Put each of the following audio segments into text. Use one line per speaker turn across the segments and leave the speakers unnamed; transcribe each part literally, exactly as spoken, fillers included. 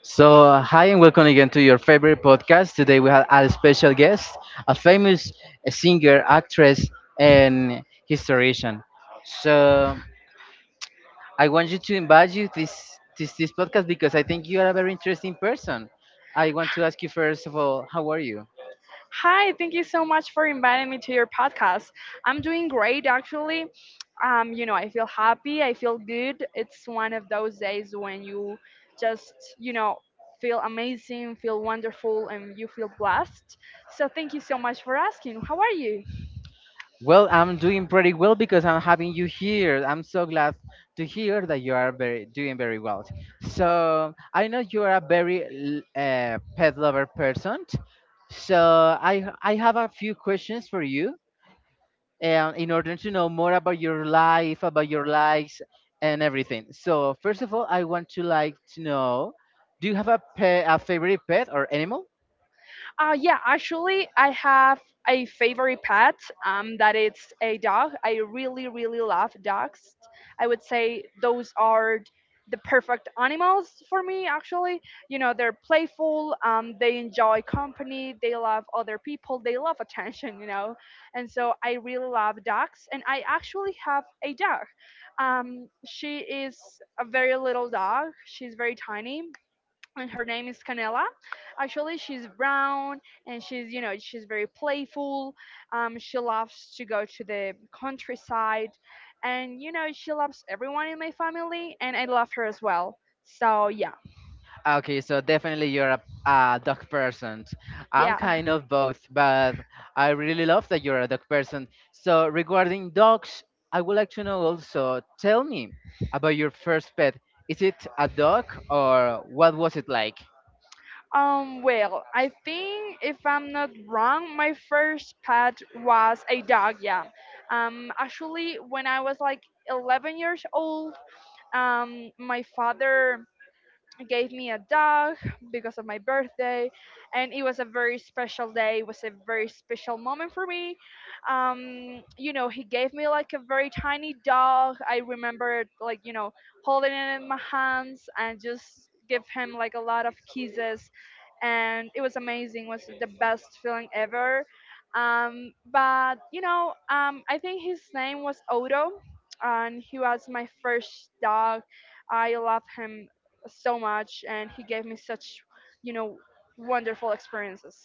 So, uh, hi and welcome again to your favorite podcast. Today we have a special guest, a famous singer, actress, and historian. So, I want you to invite you this this this podcast because I think you are a very interesting person. I want to ask you first of all, how are you?
Hi, thank you so much for inviting me to your podcast. I'm doing great, actually. Um, you know, I feel happy. I feel good. It's one of those days when you just, you know, feel amazing, feel wonderful, and you feel blessed. So, thank you so much for asking. How are you?
Well, I'm doing pretty well because I'm having you here. I'm so glad to hear that you are very doing very well. So I know you are a very l- uh, pet lover person. So I I have a few questions for you, and in order to know more about your life, about your likes, and everything. So first of all, I want to like to know, do you have a pet, a favorite pet or animal?
Uh, yeah, actually, I have a favorite pet. Um, that it's a dog. I really, really love dogs. I would say those are the perfect animals for me. Actually, you know, they're playful. Um, they enjoy company. They love other people. They love attention. You know, and so I really love dogs. And I actually have a dog. Um, she is a very little dog. She's very tiny, and her name is Canela. Actually, she's brown, and she's, you know, she's very playful. Um, she loves to go to the countryside and, you know, she loves everyone in my family, and I love her as well. So, yeah,
Okay, so definitely you're a, a dog person. I'm
yeah.
kind of both, but I really love that you're a dog person. So regarding dogs, I would like to know also, tell me about your first pet. Is it a dog or what was it like?
Um, well, I think if I'm not wrong, my first pet was a dog. Yeah. Um, actually, when I was like eleven years old, um, my father gave me a dog because of my birthday, and it was a very special day. It was a very special moment for me. Um, you know he gave me, like, a very tiny dog. I remember, like, you know holding it in my hands, and just give him, like, a lot of kisses. And it was amazing. It was the best feeling ever. Um, but you know um, i think his name was Odo, and he was my first dog. I love him so much, and he gave me such you know wonderful experiences.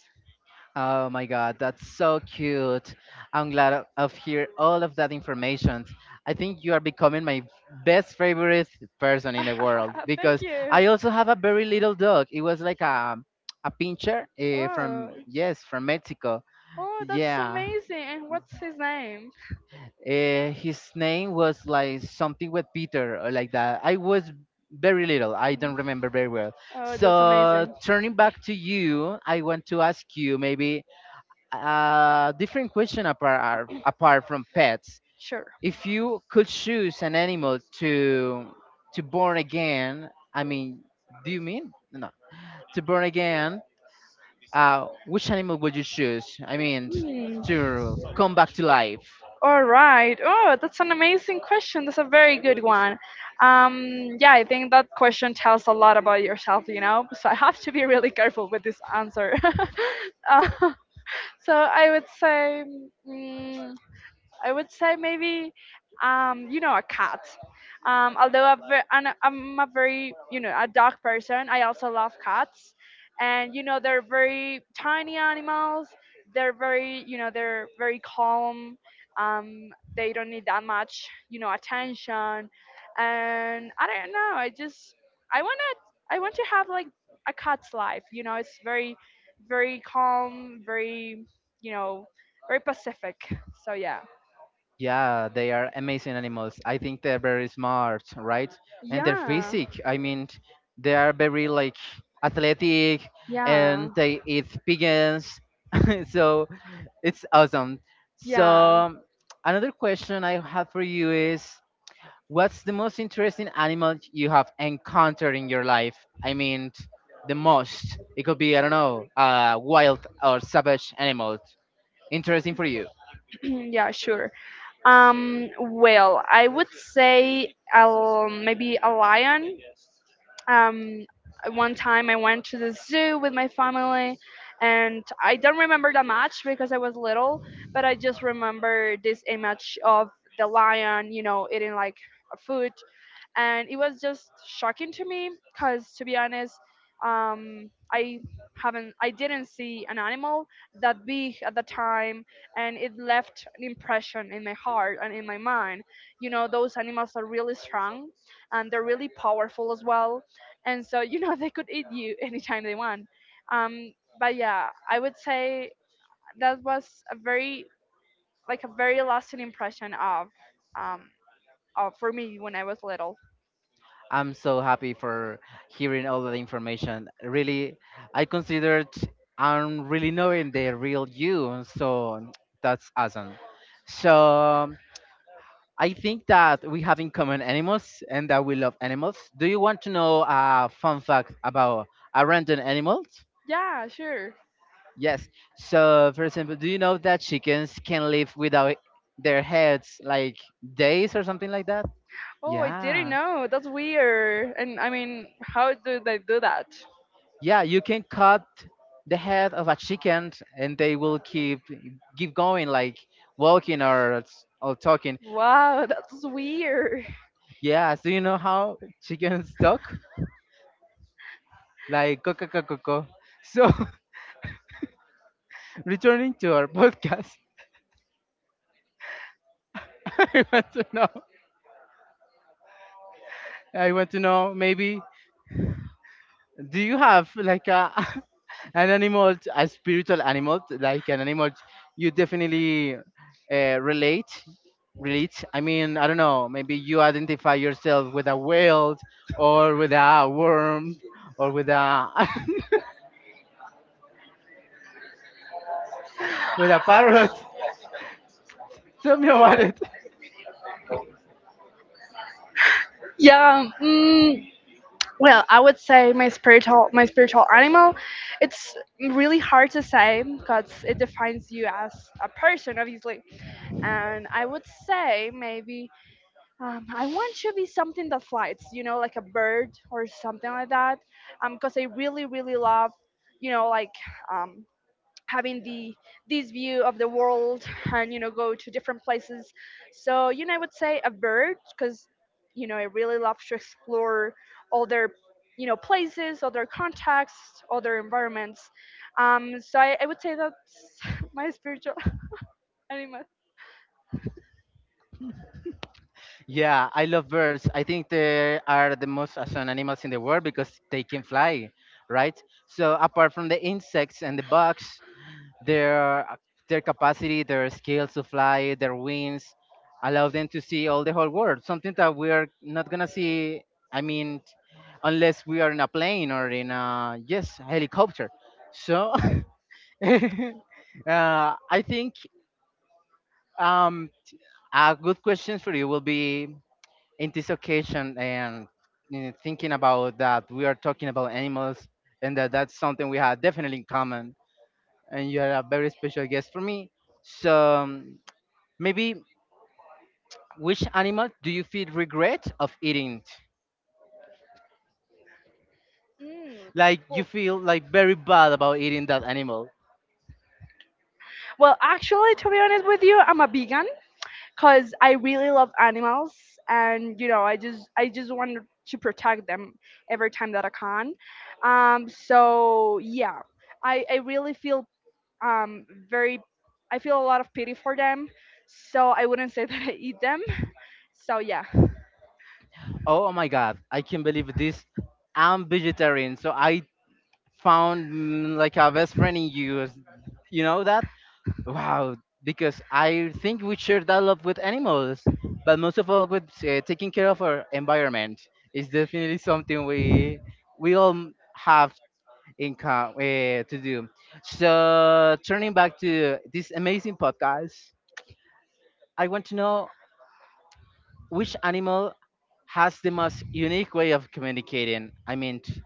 Oh my God, that's so cute. I'm glad of of hear all of that information. I think you are becoming my best favorite person in the world because I
You.
also have a very little dog. It was like a a pincher uh, from yes from Mexico.
Oh,
Yeah,
amazing. And what's his name?
uh, his name was like something with Peter or like that. I was very little. I don't remember very well.
Oh,
So turning back to you, I want to ask you maybe a different question apart apart from pets.
sure.
If you could choose an animal to to born again, I mean, do you mean no to born again? Uh, which animal would you choose? I mean, to come back to life.
All right. Oh, that's an amazing question. That's a very good one. Um, yeah, I think that question tells a lot about yourself, you know. So I have to be really careful with this answer. Uh, so I would say, mm, I would say maybe, um, you know, a cat. Um, although I'm, ve- I'm I'm a very, you know, a dog person, I also love cats. And, you know, they're very tiny animals. They're very, you know, they're very calm. Um, they don't need that much, you know, attention. And I don't know. I just, I want to, I want to have, like, a cat's life. You know, it's very, very calm, very, you know, very pacific. So yeah.
Yeah, they are amazing animals. I think they're very smart, right? And their
Yeah.
physique, I mean, they are very like athletic
Yeah.
and they eat pigeons. So it's awesome. So,
Yeah.
um, Another question I have for you is what's the most interesting animal you have encountered in your life? I mean, the most. It could be, I don't know, a wild or savage animal. Interesting for you.
Yeah, sure. Um, well, I would say I maybe a lion. Um, One time I went to the zoo with my family, and I don't remember that much because I was little, but I just remember this image of the lion, you know, eating, like, a food. And it was just shocking to me because, to be honest, um, i haven't i didn't see an animal that big at the time, and it left an impression in my heart and in my mind. You know those animals are really strong, and they're really powerful as well. And so you know they could eat you anytime they want. um, but yeah, I would say that was a very like a very lasting impression of um, of for me when I was little.
I'm so happy for hearing all of the information. Really, I considered I'm really knowing the real you. So, that's awesome. So, um, I think that we have in common animals and that we love animals. Do you want to know a fun fact about a random animal?
Yeah, sure.
Yes. So, for example, do you know that chickens can live without their heads like days or something like that?
Oh, I didn't
Yeah.
know. That's weird. And I mean, how do they do that?
Yeah, you can cut the head of a chicken and they will keep keep going like walking or or talking.
Wow, that's weird.
Yeah, so you know how chickens talk? Like co co co co, co. So returning to our podcast, I want to know. I want to know. Maybe do you have like a an animal, a spiritual animal, like an animal you definitely uh, relate? Relate. I mean, I don't know. Maybe you identify yourself with a whale, or with a worm, or with a with a parrot. Tell me about it.
Yeah. Mm, well, I would say my spiritual my spiritual animal. It's really hard to say because it defines you as a person, obviously. And I would say maybe, um, I want to be something that flies. You know, like a bird or something like that. Um, because I really, really love. You know, like um, having the this view of the world, and you know go to different places. So you know i would say a bird, because you know i really love to explore other you know places, other contexts, other environments. Um so i, I would say that's my spiritual animal.
Yeah, I love birds. I think they are the most awesome animals in the world because they can fly, right? So apart from the insects and the bugs, their their capacity, their skills to fly, their wings allow them to see all the whole world. Something that we are not gonna see. I mean, unless we are in a plane or in a yes helicopter. So uh, I think um, a good question for you will be in this occasion and you know, thinking about that we are talking about animals and that that's something we have definitely in common and you are a very special guest for me so um, maybe which animal do you feel regret of eating
Mm.
like you feel like very bad about eating that animal.
Well, actually, to be honest with you, I'm a vegan, because I really love animals, and you know, I just I just want to protect them every time that I can. Um, so yeah, I I really feel um very, I feel a lot of pity for them. So I wouldn't say that I eat them. So yeah.
Oh, oh my God, I can't believe this. I'm vegetarian, so I found mm, like a best friend in you, you know that. Wow, because I think we share that love with animals, but most of all with uh, taking care of our environment is definitely something we we all m- have in com- uh, to do. So turning back to this amazing podcast, I want to know which animal has the most unique way of communicating. I mean, t-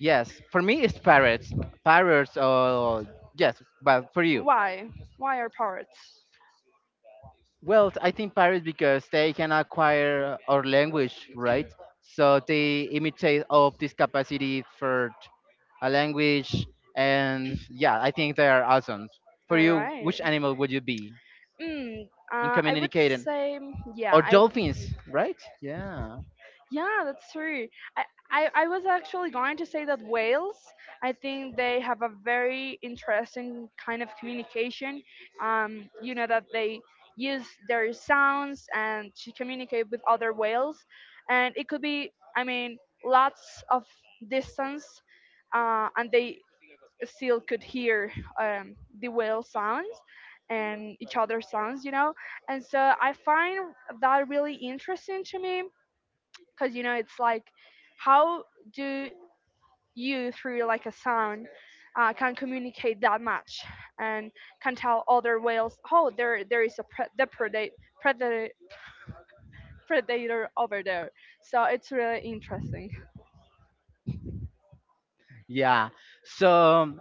yes, for me it's parrots, parrots, or yes, but for you.
Why why are parrots?
Well, I think Paris because they can acquire our language, right? So they imitate of this capacity for t- a language, and yeah, I think they are awesome. For
All
you,
right.
which animal would you be
Mm,
in
uh, I would
communicating?
say, yeah,
Or
I.
dolphins, right? Yeah,
Yeah, that's true. I, I, I was actually going to say that whales, I think, they have a very interesting kind of communication. Um, you know, that they use their sounds and to communicate with other whales. And it could be, I mean, lots of distance. Uh, and they still could hear um, the whale sounds and each other's sounds, you know. And so I find that really interesting to me, because you know it's like, how do you, through like a sound, uh, can communicate that much, and can tell other whales, oh, there there is a pre- the predate, predator predator over there. So it's really interesting.
yeah. So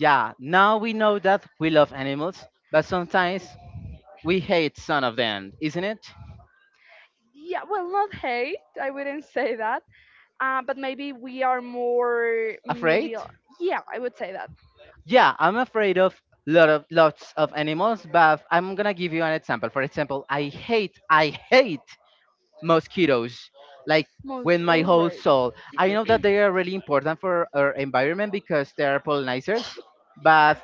yeah, now we know that we love animals, but sometimes we hate some of them, isn't it?
Yeah, well, not hate, I wouldn't say that. Uh, but maybe we are more,
Afraid?
maybe, uh, yeah, I would say that.
Yeah, I'm afraid of lot of lots of animals, but I'm gonna give you an example. For example, I hate I hate mosquitoes. Like
Most.
with my
All
whole
right.
soul. I know that they are really important for our environment because they are pollinators, but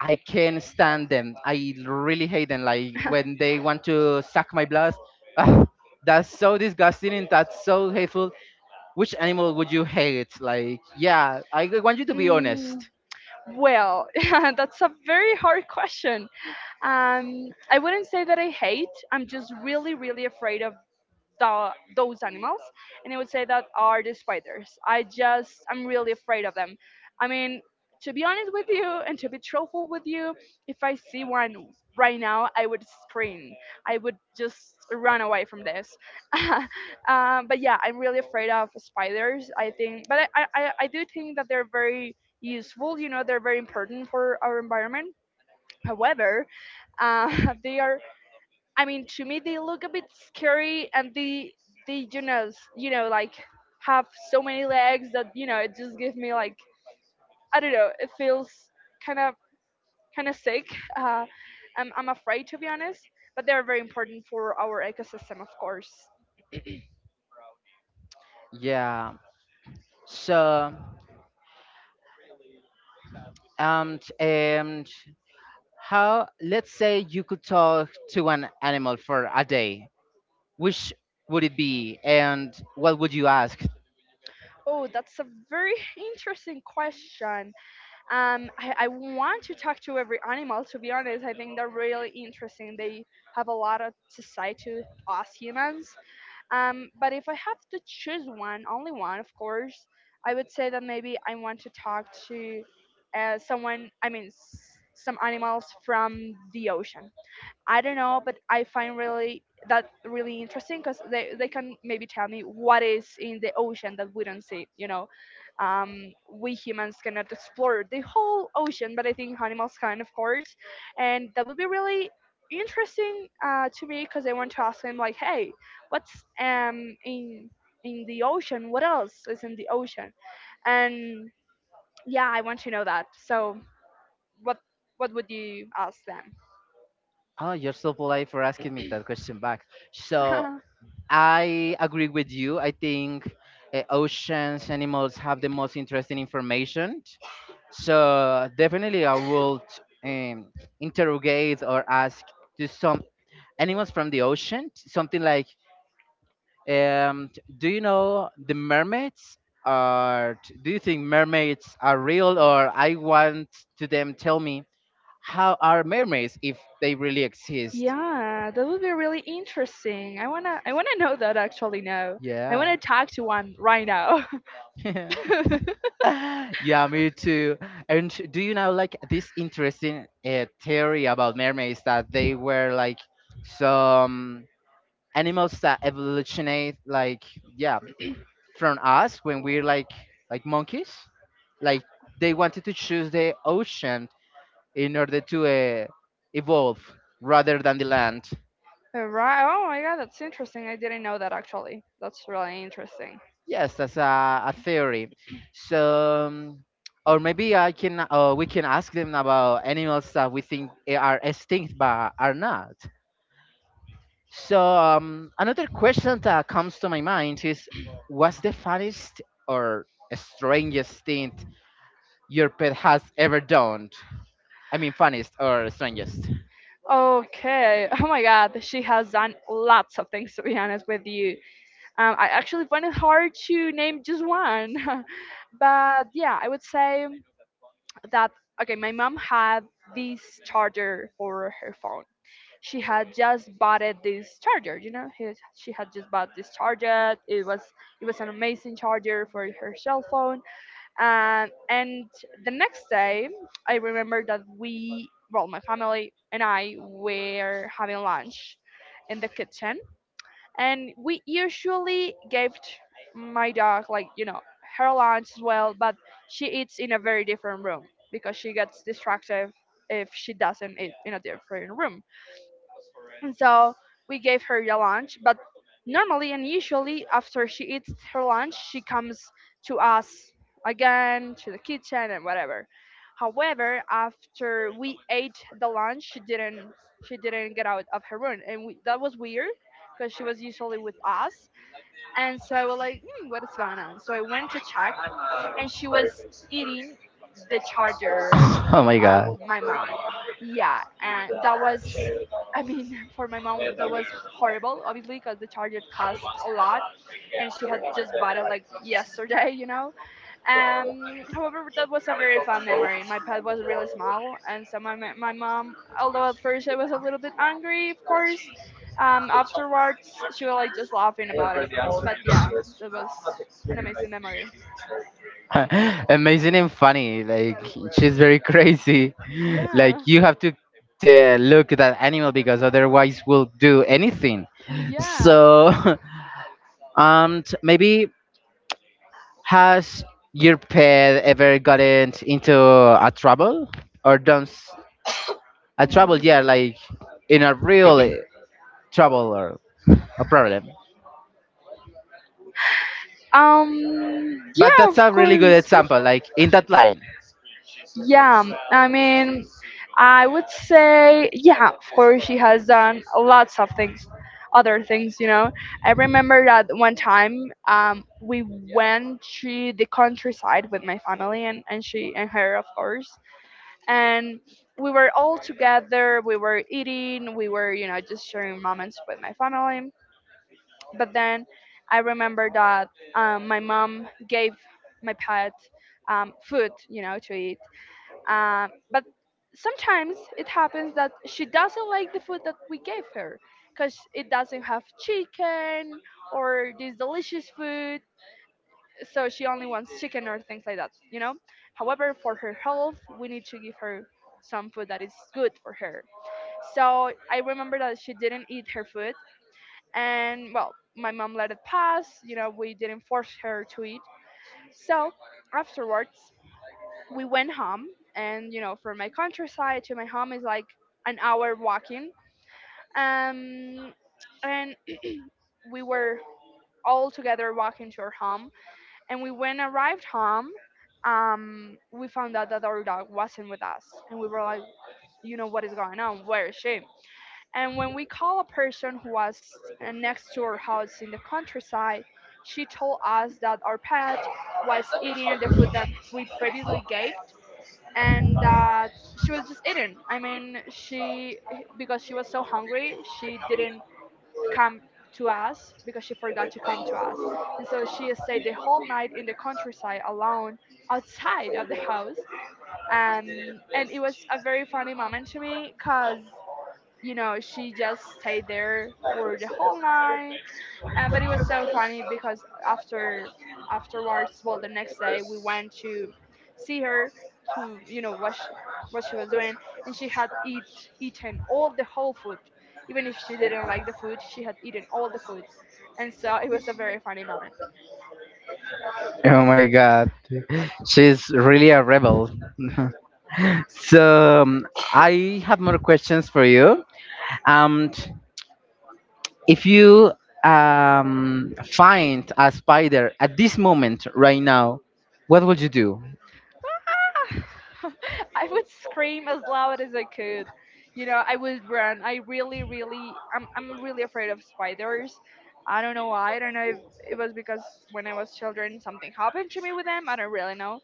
I can't stand them. I really hate them. Like when they want to suck my blood. Ah, that's so disgusting and that's so hateful. Which animal would you hate? Like, yeah, I want you to be honest.
Mm, well, that's a very hard question. Um, I wouldn't say that I hate. I'm just really, really afraid of the, those animals, and it would say that are the spiders. I just i'm really afraid of them. I mean, to be honest with you and to be truthful with you, if I see one right now, I would scream. I would just run away from this. Um, but yeah, I'm really afraid of spiders, I think, but I, I i I do think that they're very useful. You know they're very important for our environment. However, uh, they are, I mean, to me, they look a bit scary, and they they you know s- you know like have so many legs, that you know it just gives me, like, I don't know. It feels kind of kind of sick. Uh, I'm I'm afraid, to be honest, but they are very important for our ecosystem, of course.
Yeah. So, and and how? Let's say you could talk to an animal for a day. Which would it be, and what would you ask?
Oh, that's a very interesting question. Um, I, I want to talk to every animal. To be honest, I think they're really interesting. They have a lot of to say to us humans. Um, but if I have to choose one, only one, of course, I would say that maybe I want to talk to uh, someone, I mean, s- some animals from the ocean. I don't know, but I find really that really interesting, because they, they can maybe tell me what is in the ocean that we don't see. You know, um, we humans cannot explore the whole ocean, but I think animals can, of course, and that would be really interesting, uh, to me, because I want to ask them, like, hey, what's um in in the ocean? What else is in the ocean? And yeah, I want to know that. So what what would you ask them?
Oh, you're so polite for asking me that question back. So I agree with you. I think uh, oceans animals have the most interesting information. So definitely, I would um, interrogate or ask to some animals from the ocean, something like. Um, do you know the mermaids? Are do you think mermaids are real? Or I want to them tell me how are mermaids if they really exist?
Yeah, that would be really interesting. I wanna I wanna know that, actually, now. I
Yeah.
wanna talk to one right now.
Yeah, me too. And sh- do you know like this interesting uh, theory about mermaids that they were like some animals that evolutionate like yeah from us when we're like like monkeys like they wanted to choose the ocean in order to uh, evolve rather than the land.
Right. Oh my God, that's interesting. I didn't know that, actually. That's really interesting.
Yes, that's a, a theory. So, um, or maybe I can, uh, we can ask them about animals that we think eh, are extinct but are not. So, um, another question that comes to my mind is what's the funniest or strangest thing your pet has ever done? I mean, funniest or strangest.
Okay. Oh my God, she has done lots of things, to be honest with you. Um, I actually find it hard to name just one, but yeah, I would say that. Okay. My mom had this charger for her phone. She had just bought it, this charger. You know he, she had just bought this charger. It was it was an amazing charger for her cell phone. Um, and the next day, I remember that we well my family and I were having lunch in the kitchen, and we usually gave my dog, like you know her lunch, as well, but she eats in a very different room because she gets distracted if she doesn't eat in a different room. And so we gave her your lunch. But normally and usually, after she eats her lunch, she comes to us again, to the kitchen and whatever. However, after we ate the lunch, she didn't she didn't get out of her room, and we, that was weird because she was usually with us. And so I was like, hmm, what is going on? So I went to check, and she was eating the charger
Oh my God.
of my mom. Yeah, and that was, I mean, for my mom, that was horrible, obviously, because the charger cost a lot, and she had just bought it, like, yesterday, you know. Um, however, that was a very fun memory. My pet was really small, and so my ma- my mom, although at first I was a little bit angry, of course, um, afterwards she was like just laughing about it. But yeah, that was an amazing memory.
Amazing and funny. Like she's very crazy. Like
Yeah.
you have to uh, look at that animal because otherwise will do anything.
Yeah.
So um t- maybe has your pet ever gotten into a trouble or done s- a trouble, yeah, like in a real eh, trouble or a problem.
Um.
But
Yeah.
that's
Of
a really good
course.
example like in that line.
Yeah. I mean, I would say, yeah, of course, she has done lots of things, other things, you know. I remember that one time, um, we went to the countryside with my family and, and she and her, of course. And we were all together, we were eating, we were, you know, just sharing moments with my family. But then I remember that, um, my mom gave my pet, um, food, you know, to eat. um, but sometimes it happens that she doesn't like the food that we gave her, because it doesn't have chicken or this delicious food. So she only wants chicken or things like that, you know. However, for her health, we need to give her some food that is good for her. So I remember that she didn't eat her food, and well, my mom let it pass. You know, we didn't force her to eat. So afterwards we went home, and you know, from my countryside to my home is like an hour walking, um and we were all together walking to her home. And we, when arrived home, um, we found out that our dog wasn't with us, and we were like, you know, what is going on? Where is she? And when we call a person who was uh, next to our house in the countryside, she told us that our pet was eating the food that we previously gave, and that she was just eating. I mean, she, because she was so hungry, she didn't come to us because she forgot to come to us. And so she stayed the whole night in the countryside alone outside of the house. Um, and it was a very funny moment to me because, you know, she just stayed there for the whole night, uh, but it was so funny because after afterwards, well, the next day we went to see her, to you know what she, what she was doing, and she had eat eaten all the whole food. Even if she didn't like the food, she had eaten all the food, and so it was a very funny moment.
Oh my God. She's really a rebel. so um, I have more questions for you. Um, t- if you um, find a spider at this moment right now, what would you do?
I would scream as loud as I could. You know, I would run. I really, really, I'm, I'm really afraid of spiders. I don't know why. I don't know if it was because when I was children something happened to me with them. I don't really know.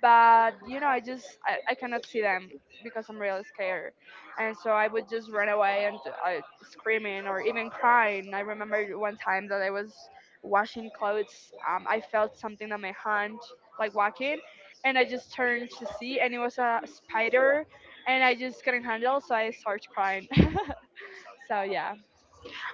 But, you know, I just, I, I cannot see them because I'm really scared. And so I would just run away and uh, screaming or even crying. I remember one time that I was washing clothes. Um, I felt something on my hand, like walking, and I just turned to see, and it was a spider, and I just couldn't handle, so I started crying. So yeah,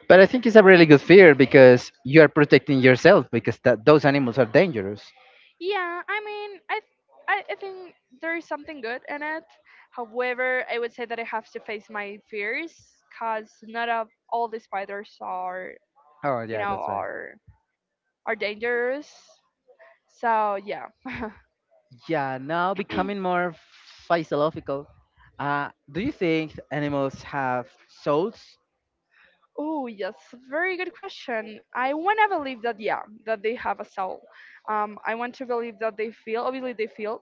But I think it's a really good fear because you are protecting yourself because that, those animals are dangerous.
yeah. I mean, I, th- I, I think there is something good in it. However, I would say that I have to face my fears, cause not of all the spiders are,
Oh
you
yeah,
know,
that's right.
are are dangerous. So yeah.
Yeah, now becoming more philosophical. Uh, do you think animals have souls?
Oh yes, very good question. I want to believe that yeah, that they have a soul. Um, I want to believe that they feel. Obviously, they feel,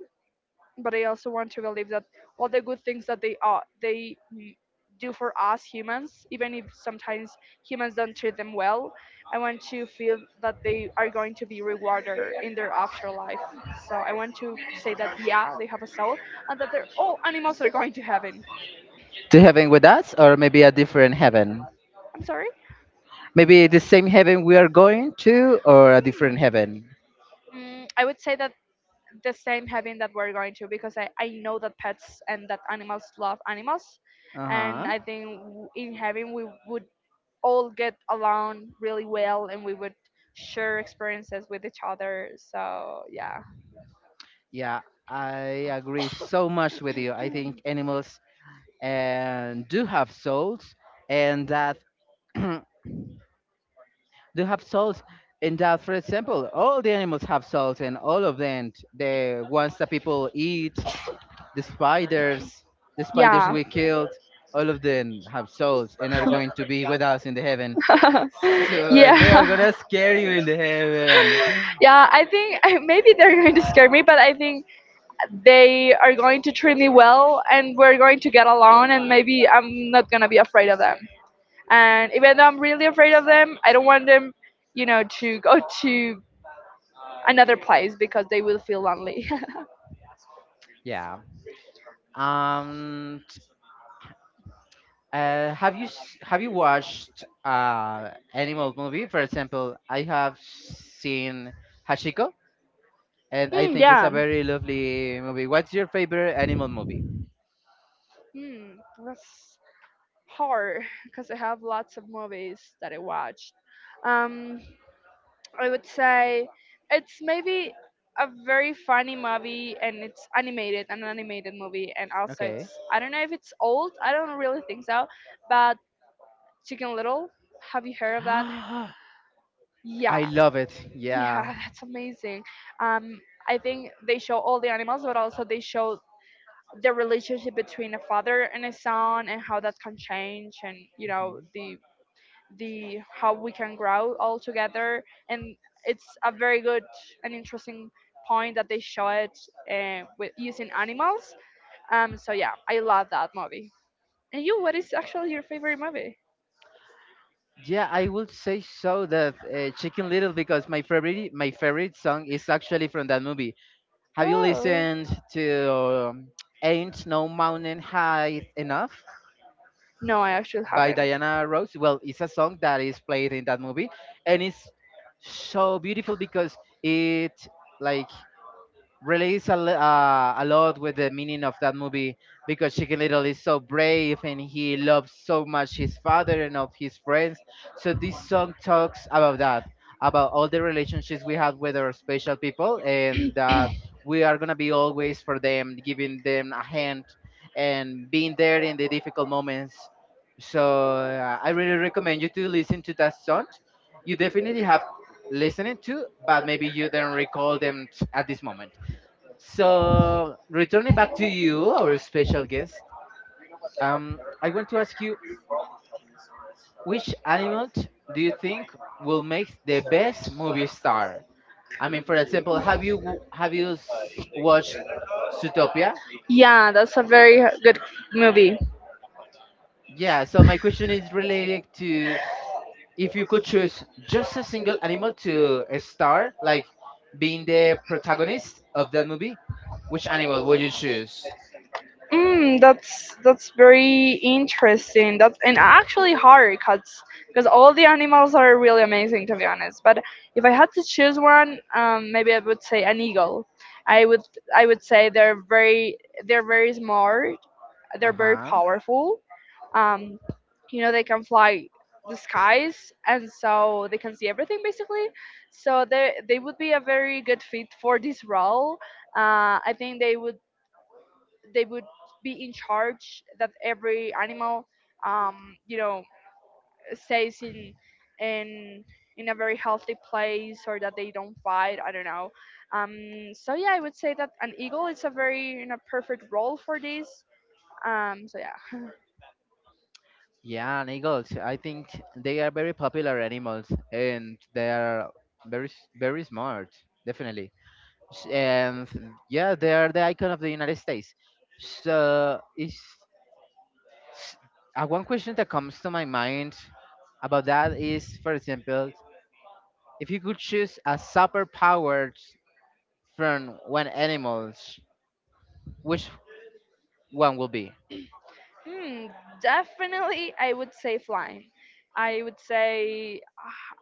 but I also want to believe that all the good things that they are they mm, do for us humans, even if sometimes humans don't treat them well, I want to feel that they are going to be rewarded in their afterlife. So I want to say that yeah, they have a soul, and that they're all animals are going to heaven.
To heaven with us, or maybe a different heaven?
I'm sorry.
Maybe the same heaven we are going to, or a different
Hmm.
heaven?
Mm, I would say that the same heaven that we're going to, because I, I know that pets and that animals love animals,
Uh
and
huh.
I think w- in heaven we would all get along really well and we would share experiences with each other. So yeah,
Yeah, I agree so much with you. I think animals and do have souls, and that do have souls. And that, for example, all the animals have souls, and all of them, the ones that people eat, the spiders, the spiders
yeah,
we killed, all of them have souls and are going to be with us in the heaven. So
yeah.
they are gonna scare you in the heaven.
Yeah, I think maybe they're going to scare me, but I think they are going to treat me well and we're going to get along, and maybe I'm not going to be afraid of them. And even though I'm really afraid of them, I don't want them, you know, to go to another place because they will feel lonely.
Yeah. Um. t- Uh, have you s- have you watched uh animal movie? For example, I have seen Hashiko, and I
Mm,
think it's
yeah.
a very lovely movie. What's your favorite animal movie?
Hmm, that's hard because I have lots of movies that I watched. Um, I would say it's maybe a very funny movie, and it's animated, an animated movie, and also it's,
Okay.
I don't know if it's old. I don't really think so, but Chicken Little. Have you heard of that?
I
Yeah,
love it.
yeah,
Yeah.
that's amazing. Um, I think they show all the animals, but also they show the relationship between a father and a son, and how that can change, and you know, the the how we can grow all together. And it's a very good and interesting point that they show it uh, with using animals. um so yeah, I love that movie. And you, what is actually your favorite movie?
Yeah, I would say so that uh, Chicken Little because my favorite my favorite song is actually from that movie. Have you
Oh
listened to um, Ain't No Mountain High Enough
no, I actually
by
haven't.
Diana Ross? Well, it's a song that is played in that movie and it's so beautiful because it like relates a, li- uh, a lot with the meaning of that movie because Chicken Little is so brave and he loves so much his father and of his friends. So this song talks about that, about all the relationships we have with our special people, and that we are gonna be always for them, giving them a hand and being there in the difficult moments. So uh, I really recommend you to listen to that song. You definitely have listened to, but maybe you don't recall them t- at this moment. So, returning back to you, our special guest, um, I want to ask you which animal t- do you think will make the best movie star? I mean, for example, have you w- have you s- watched Zootopia?
Yeah, that's a very good movie.
Yeah. So my question is related to if you could choose just a single animal to a star, like being the protagonist of that movie, which animal would you choose?
Mm, that's that's very interesting. That's and actually hard cause because all the animals are really amazing, to be honest. But if I had to choose one, um, maybe I would say an eagle. I would I would say they're very, they're very smart.
Uh
They're very
huh.
powerful. Um, you know, they can fly the skies, and so they can see everything basically. So they they would be a very good fit for this role. Uh, I think they would they would be in charge that every animal, um, you know, stays in in in a very healthy place, or that they don't fight. I don't know. um, so yeah, I would say that an eagle is a very, you know, perfect role for this. um, so yeah.
Yeah, and eagles. I think they are very popular animals, and they are very s- very smart, definitely. S- And yeah, they are the icon of the United States. So is s- uh, one question that comes to my mind about that is, for example, if you could choose a superpower from when animals, which one will be?
Hmm, definitely, I would say flying. I would say,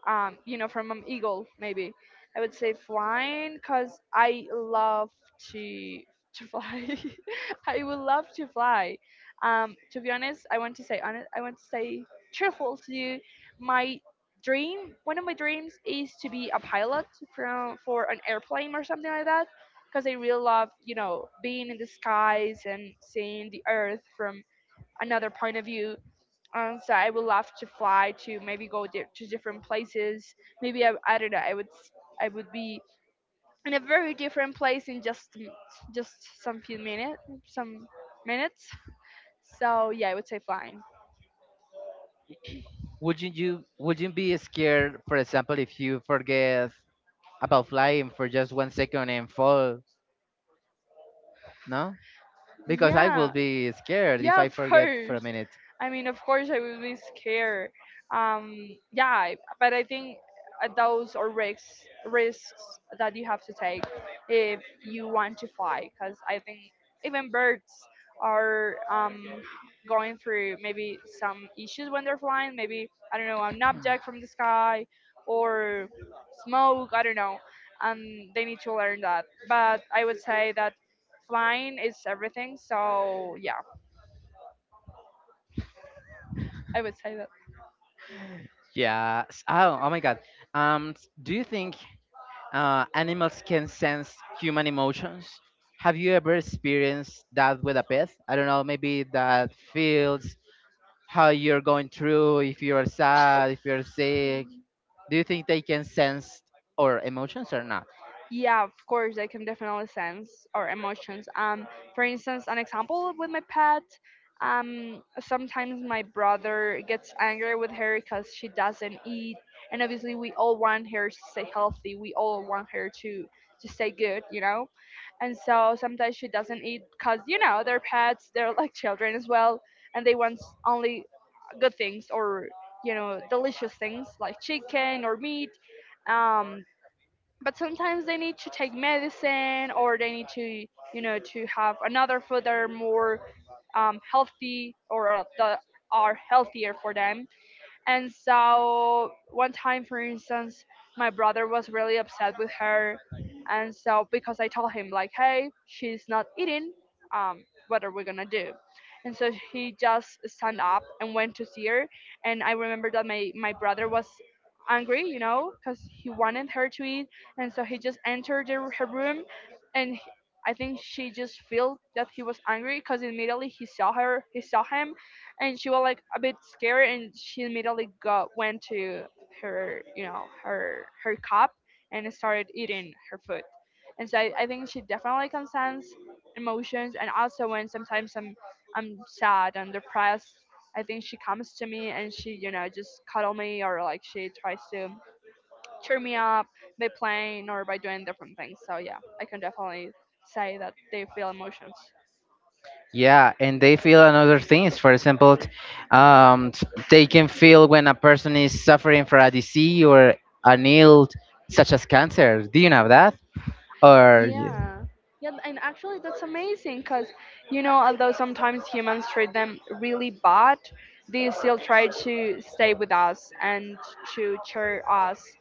ah, um, you know, from an eagle maybe. I would say flying because I love to to fly. I would love to fly. Um, to be honest, I want to say honest, I want to say truthful to you. My dream, one of my dreams, is to be a pilot from for an airplane or something like that, because I really love, you know, being in the skies and seeing the earth from another point of view. Um, so I would love to fly to maybe go di- to different places. Maybe I, I don't know. I would s- I would be in a very different place in just just some few minutes, some minutes. So yeah, I would say flying.
Would you you- would you be scared, for example, if you forget about flying for just one second and fall? No, because I will
Yeah.
be scared if
Yeah,
I
of
forget for a
course.
minute.
I mean, of course, I will be scared. Um, yeah, I- but I think, uh, those are risks risks that you have to take if you want to fly. Because I think even birds are, um, going through maybe some issues when they're flying. Maybe I don't know, an object from the sky or smoke. I don't know, and they need to learn that. But I would say that flying is everything. So yeah, I would say that.
Yeah. s- Oh, oh my God. Um, s- do you think uh, animals can sense human emotions? Have you ever experienced that with a pet? I don't know. Maybe that feels how you're going through. If you're sad, if you're sick, do you think they can sense our emotions or not?
Yeah, of course, I can definitely sense our emotions. Um, for instance, an example with my pet. Um, sometimes my brother gets angry with her because she doesn't eat, and obviously we all want her to stay healthy. We all want her to to stay good, you know. And so sometimes she doesn't eat because, you know, they're pets, they're like children as well, and they want only good things, or you know, delicious things like chicken or meat. Um, but sometimes they need to take medicine or they need to, you know, to have another food that are more, um, healthy, or uh, that are healthier for them. And so one time, for instance, my brother was really upset with her. And so because I told him like, hey, she's not eating, um, what are we gonna do? And so he just stand up and went to see her. And I remember that my, my brother was angry, you know, because he wanted her to eat. And so he just entered the, her room, and he- I think she just felt that he was angry because immediately he saw her, he saw him, and she was like a bit scared, and she immediately got went to her, you know, her her cup, and started eating her food. And so i, I think she definitely can sense emotions. And also when sometimes i'm I'm sad and depressed, I think she comes to me, and she, you know, just cuddle me, or like she tries to cheer me up by playing or by doing different things. So yeah, I can definitely say that they feel emotions.
Yeah, and they feel another things. For example, t- um, t- they can feel when a person is suffering from a disease or an ill, such as cancer. Do you know that? Or y-
Yeah. Yeah, and actually that's amazing because, you know, although sometimes humans treat them really bad, they still try to stay with us and to cheer us.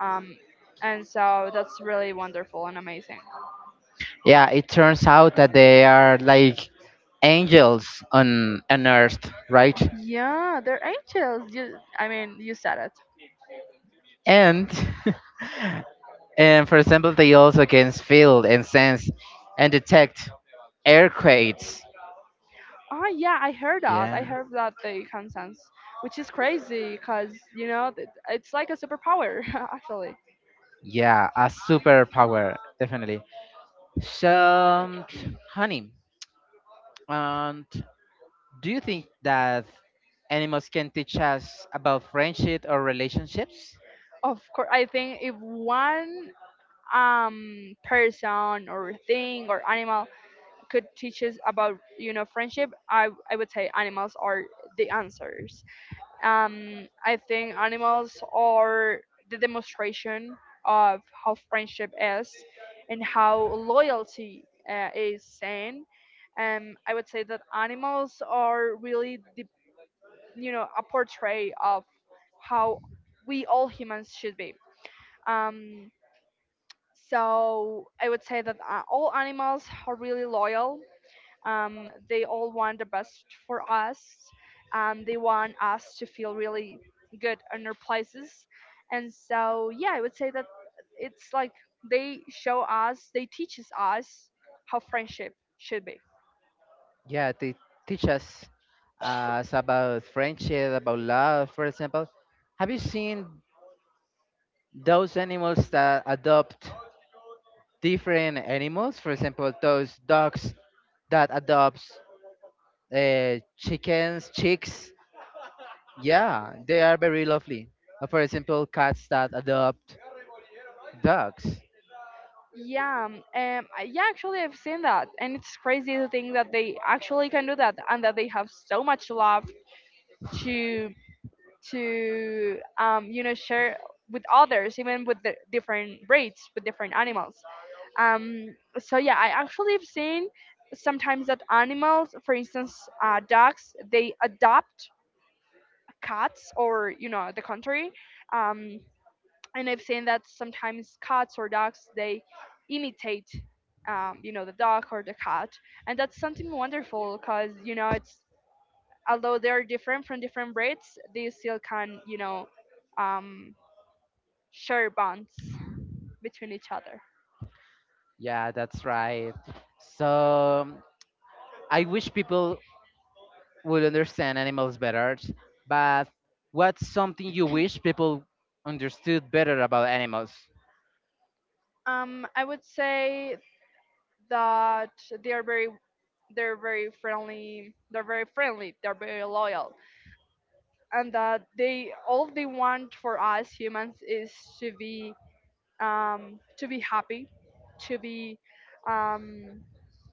Um, and so that's really wonderful and amazing.
yeah, it turns out that they are like angels on on earth, right?
Yeah, they're angels. You, I mean, you said it.
And and for example, they also can feel and sense and detect earthquakes.
Oh, yeah, I heard that. I
Yeah.
heard that they can sense, which is crazy because, you know, th- it's like a superpower, actually.
Yeah, a superpower, definitely. So, honey, um, do you think that animals can teach us about friendship or relationships?
Of course, I think if one um person or thing or animal could teach us about you know friendship, i i would say animals are the answers. um I think animals are the demonstration of how friendship is and how loyalty uh, is seen. um I would say that animals are really the, you know a portrait of how we all humans should be. um so I would say that uh, all animals are really loyal. Um, they all want the best for us, and they want us to feel really good in our places. And so, yeah, I would say that it's like they show us, they teaches us how friendship should be.
Yeah, they teach us uh, us about friendship, about love, for example. Have you seen those animals that adopt different animals? For example, those dogs that adopts uh, chickens, chicks, yeah, they are very lovely. Uh, For example, cats that adopt dogs.
Yeah, um, um, I- yeah, actually, I've seen that, and it's crazy to think that they actually can do that, and that they have so much love to to um, you know share with others, even with the different breeds, with different animals. Um, so yeah, I actually have seen sometimes that animals, for instance, uh, dogs, they adopt cats, or you know the contrary. um, and I've seen that sometimes cats or dogs, they imitate, um, you know the dog or the cat. And that's something wonderful, because you know it's, although they're different, from different breeds, they still can, you know um, share bonds between each other.
Yeah, that's right. So I wish people would understand animals better, but what's something you wish people understood better about animals?
Um, I would say that they are very they're very friendly, they're very friendly they're very loyal, and that they all they want for us humans is to be, um, to be happy, to be, um,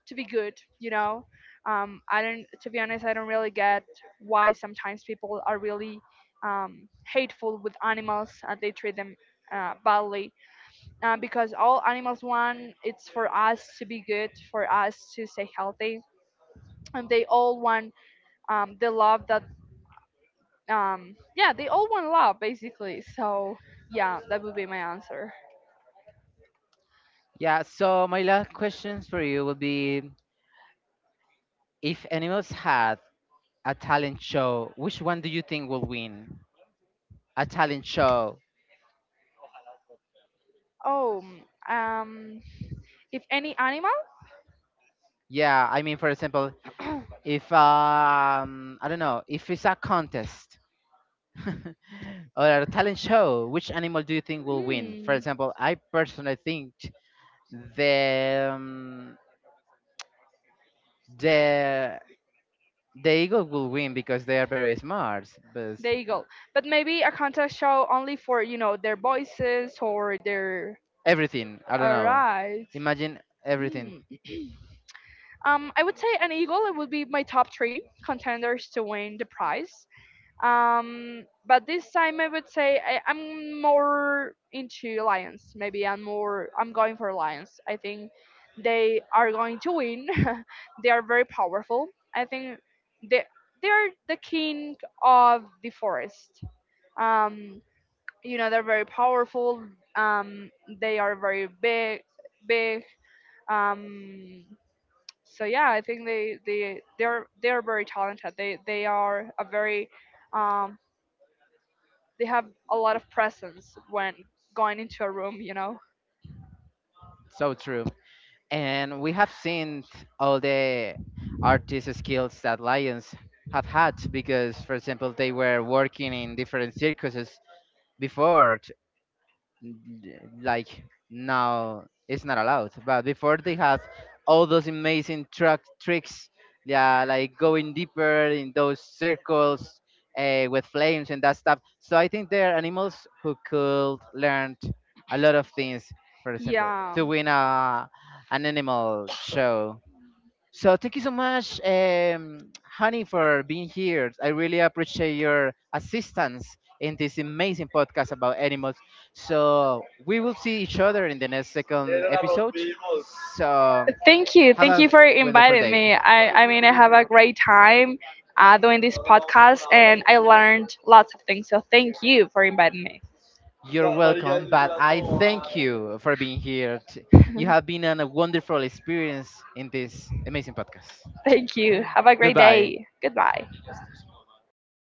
to be good, you know um, i don't, to be honest, I don't really get why sometimes people are really, um, hateful with animals and they treat them uh, badly, uh, because all animals want, it's for us to be good, for us to stay healthy, and they all want, um, the love that, um, yeah, they all want love basically. So yeah, that would be my answer.
Yeah, so my last questions for you will be if animals had a talent show, which one do you think will win? A talent show.
Oh, um, if any animal,
Yeah, I mean, for example, if um I don't know if it's a contest or a talent show, which animal do you think will win? For
hmm,
example, I personally think the um, the the eagle will win because they are very smart. But
there
uh,
you. But maybe a contest show only for, you know their voices or their.
everything I don't
All
know.
right.
Imagine everything
Hmm. Um, I would say an eagle. It would be my top three contenders to win the prize. Um, but this time I would say I, I'm more into lions. Maybe I'm more. I'm going for lions. I think they are going to win. They are very powerful. I think they they're the king of the forest. Um, you know they're very powerful. Um, they are very big big um so yeah, I think they they they're they're very talented. They they are a very, um, they have a lot of presence when going into a room, you know.
so true, and we have seen t- all the artist skills that lions have had because, for example, they were working in different circuses before t- n- like now it's not allowed but before they had all those amazing truck tricks, yeah, like going deeper in those circles uh, with flames and that stuff. So I think there are animals who could learn a lot of things, for example
yeah
to win a an animal show. So thank you so much, um, Honey, for being here. I really appreciate your assistance in this amazing podcast about animals. So we will see each other in the next second episode. So
thank you
have
thank you
a
for
wonderful
inviting
day.
me. I i mean, I have a great time uh, doing this podcast, and I learned lots of things, so thank you for inviting me.
You're welcome, but I thank you for being here. T- You have been an- a wonderful experience in this amazing podcast.
Thank you, have a great
Goodbye.
day, goodbye.